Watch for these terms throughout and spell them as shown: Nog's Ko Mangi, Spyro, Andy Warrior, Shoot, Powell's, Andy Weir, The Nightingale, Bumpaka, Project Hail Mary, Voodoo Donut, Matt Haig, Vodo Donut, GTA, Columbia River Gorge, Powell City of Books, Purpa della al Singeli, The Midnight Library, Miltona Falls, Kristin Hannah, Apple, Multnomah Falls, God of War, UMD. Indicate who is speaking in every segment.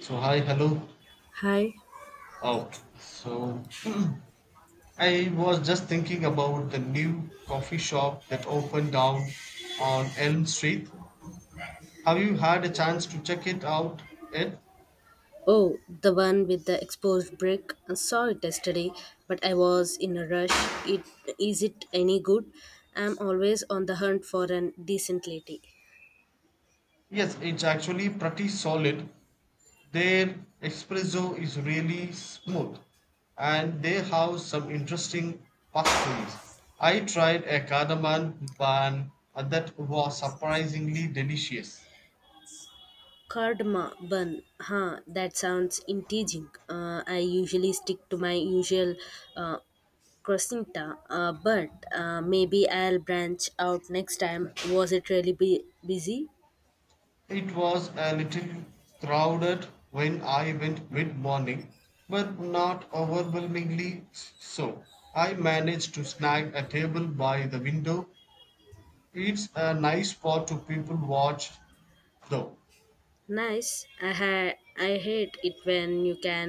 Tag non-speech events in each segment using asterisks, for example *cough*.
Speaker 1: So hi, hello.
Speaker 2: Hi.
Speaker 1: Oh, so *clears throat* I was just thinking about the new coffee shop that opened down on Elm Street. Have you had a chance to check it out yet?
Speaker 2: Oh, the one with the exposed brick. I saw it yesterday, but I was in a rush. It is it any good? I'm always on the hunt for an decent lady.
Speaker 1: Yes, it's actually pretty solid. Their espresso is really smooth, and they have some interesting pastries. I tried a cardamom bun that was surprisingly delicious.
Speaker 2: Cardma bun. Huh, that sounds intriguing. I usually stick to my usual uh, croissanta, but maybe I'll branch out next time. Was it really busy?
Speaker 1: It was a little crowded when I went mid morning, but not overwhelmingly so. I managed to snag a table by the window. It's a nice spot to people watch, though.
Speaker 2: Nice. I hate it when you can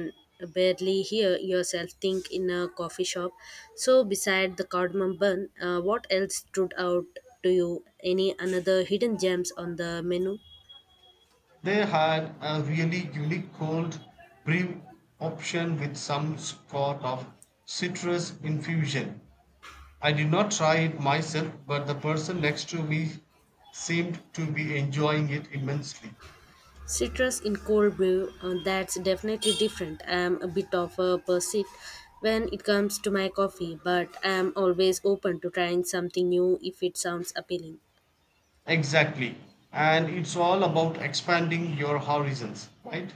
Speaker 2: barely hear yourself think in a coffee shop. So beside the cardamom bun, what else stood out to you? Any another hidden gems on the menu?
Speaker 1: They had a really unique cold brew option with some sort of citrus infusion. I did not try it myself, but the person next to me seemed to be enjoying it immensely.
Speaker 2: Citrus in cold brew, that's definitely different. I'm a bit of a pursuit when it comes to my coffee, but I'm always open to trying something new if it sounds appealing.
Speaker 1: Exactly. And it's all about expanding your horizons, right?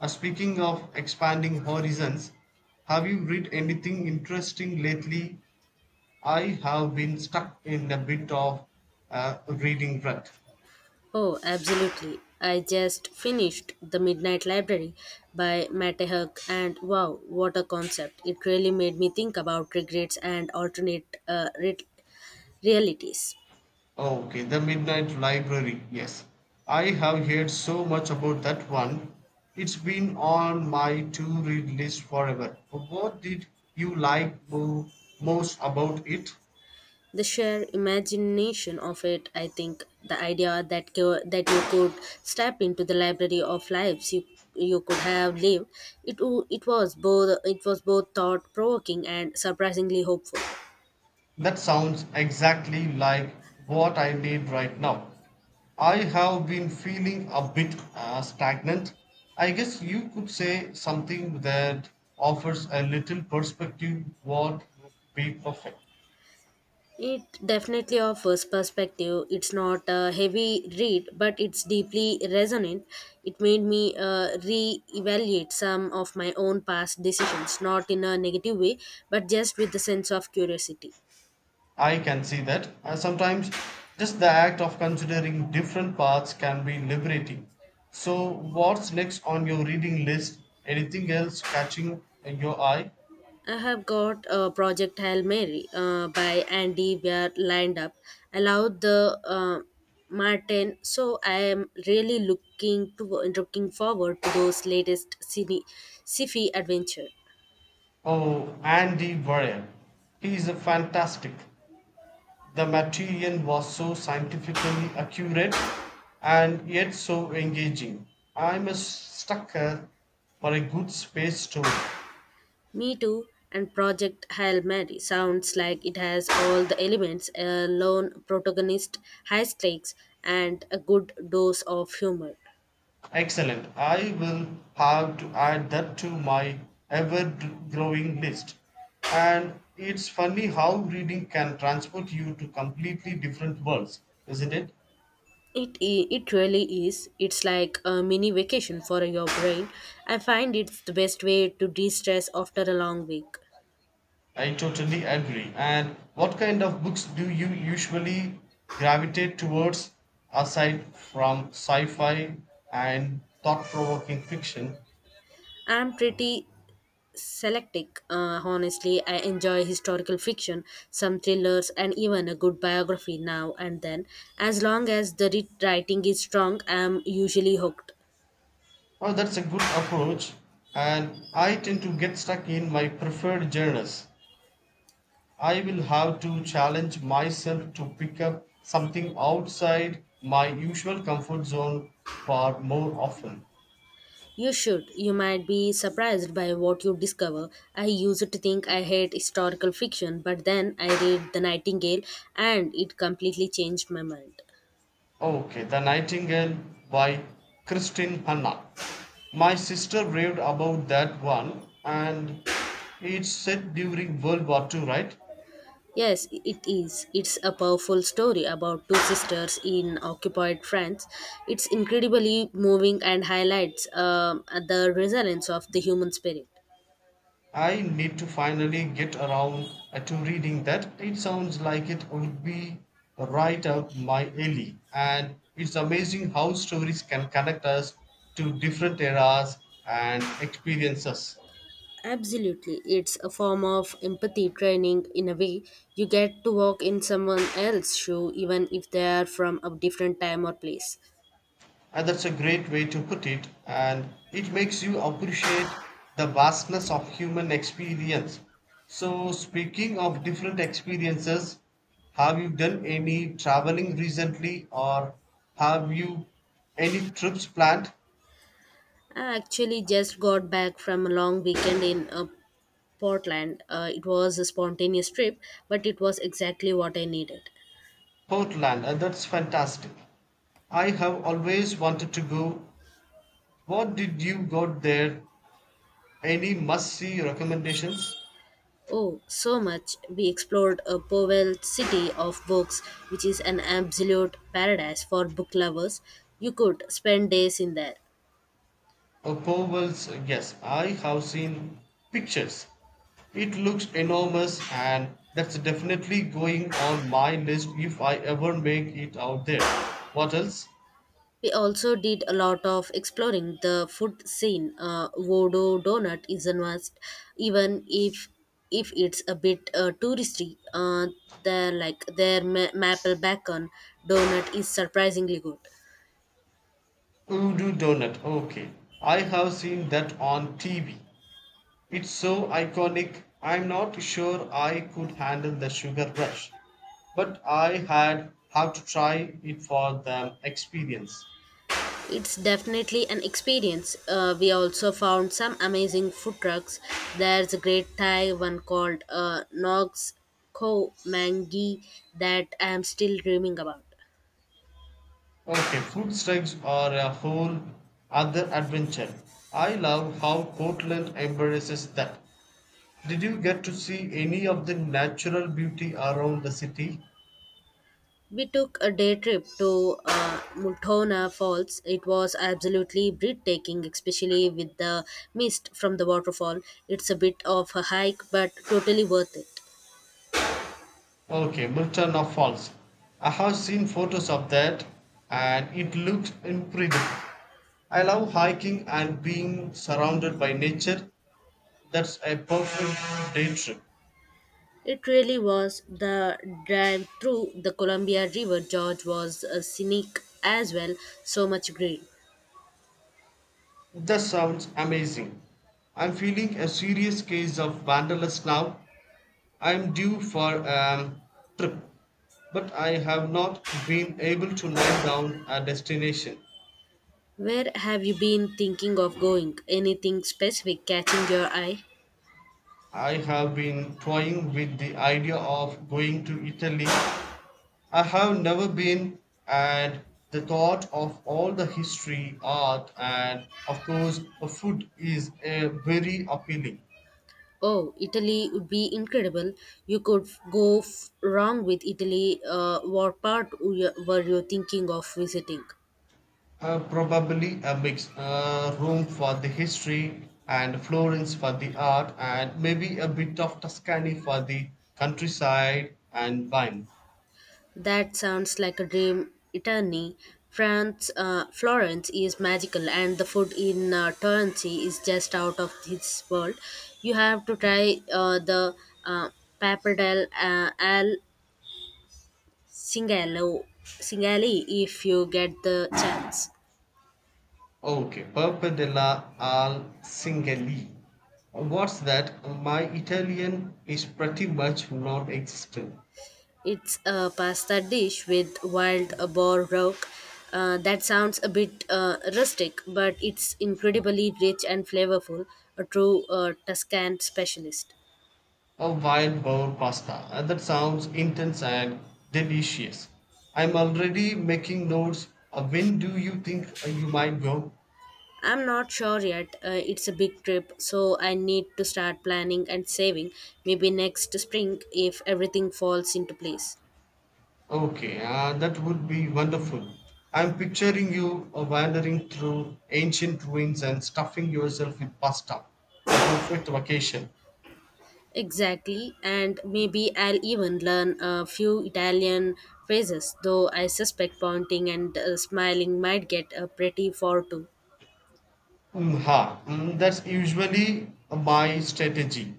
Speaker 1: Speaking of expanding horizons, have you read anything interesting lately? I have been stuck in a bit of reading rut.
Speaker 2: Oh, absolutely. I just finished The Midnight Library by Matt Haig, and wow, what a concept. It really made me think about regrets and alternate realities.
Speaker 1: Oh, okay, The Midnight Library, yes. I have heard so much about that one. It's been on my to read list forever. What did you like most about it?
Speaker 2: The sheer imagination of it, I think, the idea that you could step into the library of lives you could have lived, it was both thought provoking and surprisingly hopeful.
Speaker 1: That sounds exactly like what I need right now. I have been feeling a bit stagnant. I guess you could say something that offers a little perspective what would be perfect.
Speaker 2: It definitely offers perspective. It's not a heavy read, but it's deeply resonant. It made me re evaluate some of my own past decisions, not in a negative way, but just with a sense of curiosity.
Speaker 1: I can see that. Sometimes just the act of considering different paths can be liberating. So, what's next on your reading list? Anything else catching your eye?
Speaker 2: I have got Project Hail Mary by Andy Weir lined up. I love the Martin, so I am really looking forward to those latest cine, sci-fi adventure.
Speaker 1: Oh, Andy Warrior. He is a fantastic. The material was so scientifically accurate and yet so engaging. I'm a sucker for a good space story.
Speaker 2: Me Too and Project Hail Mary sounds like it has all the elements a lone protagonist, high stakes, and a good dose of humor.
Speaker 1: Excellent. I will have to add that to my ever growing list. And it's funny how reading can transport you to completely different worlds, isn't it?
Speaker 2: It really is. It's like a mini vacation for your brain. I find it's the best way to de stress after a long week.
Speaker 1: I totally agree. And what kind of books do you usually gravitate towards aside from sci fi and thought provoking fiction?
Speaker 2: I'm pretty selective. Honestly, I enjoy historical fiction, some thrillers, and even a good biography now and then. As long as the writing is strong, I'm usually hooked.
Speaker 1: Oh, that's a good approach. And I tend to get stuck in my preferred genres. I will have to challenge myself to pick up something outside my usual comfort zone far more often.
Speaker 2: You should. You might be surprised by what you discover. I used to think I hate historical fiction, but then I read The Nightingale and it completely changed my mind.
Speaker 1: Okay, The Nightingale by Kristin Hanna. My sister raved about that one, and it's set during World War Two, right?
Speaker 2: Yes, it is. It's a powerful story about two sisters in occupied France. It's incredibly moving and highlights the resilience of the human spirit.
Speaker 1: I need to finally get around to reading that. It sounds like it would be right up my alley, and it's amazing how stories can connect us to different eras and experiences.
Speaker 2: Absolutely. It's a form of empathy training in a way. You get to walk in someone else's shoe even if they are from a different time or place.
Speaker 1: And that's a great way to put it, and it makes you appreciate the vastness of human experience. So, speaking of different experiences, have you done any traveling recently or have you any trips planned?
Speaker 2: I actually just got back from a long weekend in Portland. It was a spontaneous trip, but it was exactly what I needed.
Speaker 1: Portland, and that's fantastic. I have always wanted to go. What did you got there? Any must see recommendations?
Speaker 2: Oh, so much. We explored a Powell city of books, which is an absolute paradise for book lovers. You could spend days in there.
Speaker 1: Oh, Powell's, yes, I have seen pictures. It looks enormous, and that's definitely going on my list if I ever make it out there. What else?
Speaker 2: We also did a lot of exploring the food scene. Vodo Donut is a must, even if it's a bit touristy. They're like their maple bacon donut is surprisingly good.
Speaker 1: Voodoo Donut. Okay, I have seen that on TV. It's so iconic, I'm not sure I could handle the sugar rush, but I had have to try it for the experience.
Speaker 2: It's definitely an experience. We also found some amazing food trucks. There's a great Thai one called Nog's Ko Mangi that I'm still dreaming about.
Speaker 1: Okay, food strikes are a whole other adventure. I love how Portland embraces that. Did you get to see any of the natural beauty around the city?
Speaker 2: We took a day trip to Multona Falls. It was absolutely breathtaking, especially with the mist from the waterfall. It's a bit of a hike, but totally worth it.
Speaker 1: Okay, Miltona Falls. I have seen photos of that and it looks incredible. I love hiking and being surrounded by nature. That's a perfect day trip.
Speaker 2: It really was the drive through the Columbia River. George was a scenic as well, so much green.
Speaker 1: That sounds amazing. I'm feeling a serious case of wanderlust now. I am due for a trip, but I have not been able to nail down a destination.
Speaker 2: Where have you been thinking of going? Anything specific catching your eye?
Speaker 1: I have been toying with the idea of going to Italy. I have never been, and the thought of all the history, art, and of course, the food is very appealing.
Speaker 2: Oh, Italy would be incredible. You could go wrong with Italy. What part were you thinking of visiting?
Speaker 1: Probably a mix. Rome for the history and Florence for the art, and maybe a bit of Tuscany for the countryside and wine.
Speaker 2: That sounds like a dream eternity. France, Florence is magical, and the food in Torrency is just out of this world. You have to try the uh, pappardelle al singalo singali if you get the chance.
Speaker 1: Okay, Purpa della al Singeli. What's that? My Italian is pretty much non existent.
Speaker 2: It's a pasta dish with wild boar rock. That sounds a bit rustic, but it's incredibly rich and flavorful. A true Tuscan specialist.
Speaker 1: A wild boar pasta. That sounds intense and delicious. I'm already making notes. When do you think you might go?
Speaker 2: I'm not sure yet. It's a big trip, so I need to start planning and saving. Maybe next spring if everything falls into place.
Speaker 1: Okay, that would be wonderful. I'm picturing you wandering through ancient ruins and stuffing yourself with pasta. A perfect vacation.
Speaker 2: Exactly, and maybe I'll even learn a few Italian phrases, though I suspect pointing and smiling might get pretty far too.
Speaker 1: Mm, ha. That's usually my strategy.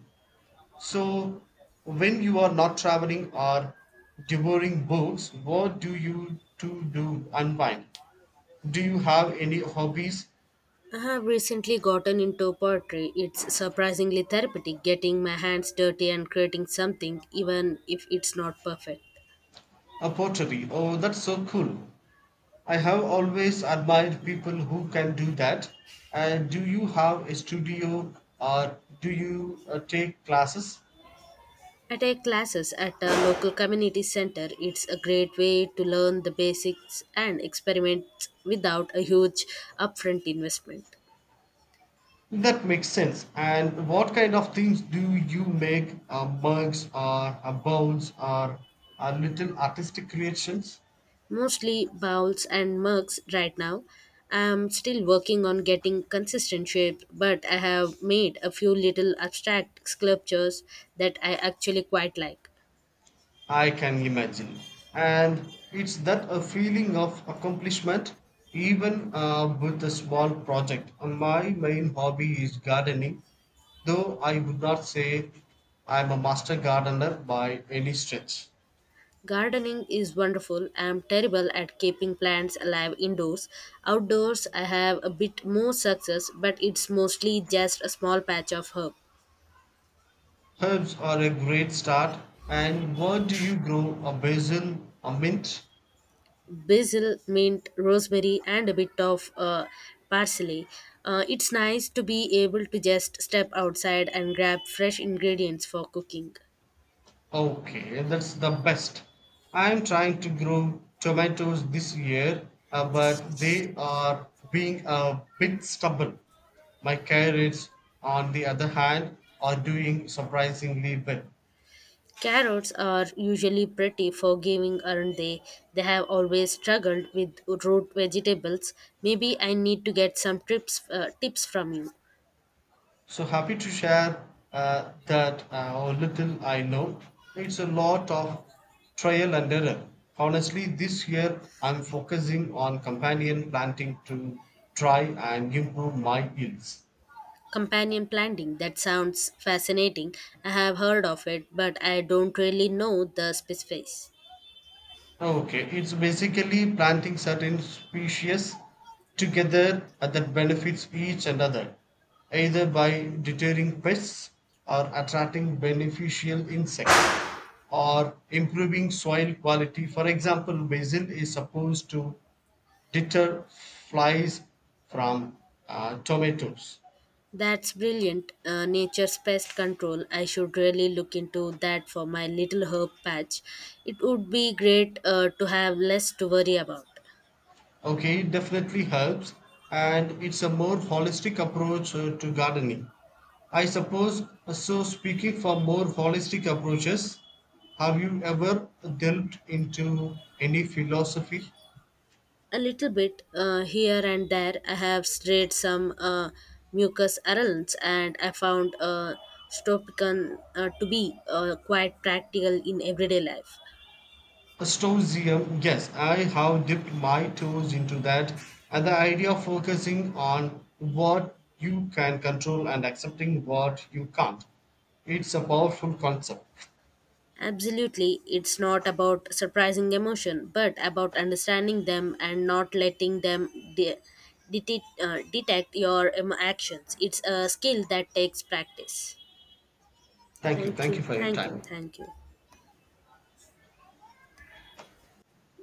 Speaker 1: So, when you are not traveling or devouring books, what do you to do unwind? Do you have any hobbies?
Speaker 2: I have recently gotten into poetry. It's surprisingly therapeutic getting my hands dirty and creating something, even if it's not perfect.
Speaker 1: A pottery. Oh, that's so cool. I have always admired people who can do that. And do you have a studio or do you take classes?
Speaker 2: I take classes at a local community center. It's a great way to learn the basics and experiment without a huge upfront investment.
Speaker 1: That makes sense. And what kind of things do you make? Mugs or bones or little artistic creations?
Speaker 2: Mostly bowls and mugs right now. I'm still working on getting consistent shape, but I have made a few little abstract sculptures that I actually quite like.
Speaker 1: I can imagine. And it's that a feeling of accomplishment, even with a small project. My main hobby is gardening, though I would not say I'm a master gardener by any stretch.
Speaker 2: Gardening is wonderful. I am terrible at keeping plants alive indoors. Outdoors, I have a bit more success, but it's mostly just a small patch of herb.
Speaker 1: Herbs are a great start. And what do you grow? A basil, a mint,
Speaker 2: Basil, mint, rosemary, and a bit of parsley. It's nice to be able to just step outside and grab fresh ingredients for cooking.
Speaker 1: Okay, that's the best. I'm trying to grow tomatoes this year, but they are being a bit stubborn. My carrots, on the other hand, are doing surprisingly well.
Speaker 2: Carrots are usually pretty forgiving, aren't they? They have always struggled with root vegetables. Maybe I need to get some tips from you.
Speaker 1: So happy to share that a little I know. It's a lot of trial and error. Honestly, this year I'm focusing on companion planting to try and improve my yields.
Speaker 2: Companion planting, that sounds fascinating. I have heard of it, but I don't really know the specifics.
Speaker 1: Okay, it's basically planting certain species together that benefits each another, either by deterring pests or attracting beneficial insects or improving soil quality. For example, basil is supposed to deter flies from tomatoes.
Speaker 2: That's brilliant. Nature's pest control. I should really look into that for my little herb patch. It would be great to have less to worry about.
Speaker 1: Okay, it definitely helps, and it's a more holistic approach to gardening. I suppose, so speaking for more holistic approaches, have you ever delved into any philosophy?
Speaker 2: A little bit here and there. I have strayed some mucus arounds, and I found Stopican to be quite practical in everyday life.
Speaker 1: A Stoicism, yes, I have dipped my toes into that, and the idea of focusing on what you can control and accepting what you can't. It's a powerful concept.
Speaker 2: Absolutely, it's not about surprising emotion, but about understanding them and not letting them de- detect your actions. It's a skill that takes practice.
Speaker 1: Thank you.
Speaker 2: Thank
Speaker 1: Thank you
Speaker 2: you,
Speaker 1: for your
Speaker 2: thank you,
Speaker 1: time.
Speaker 2: thank you.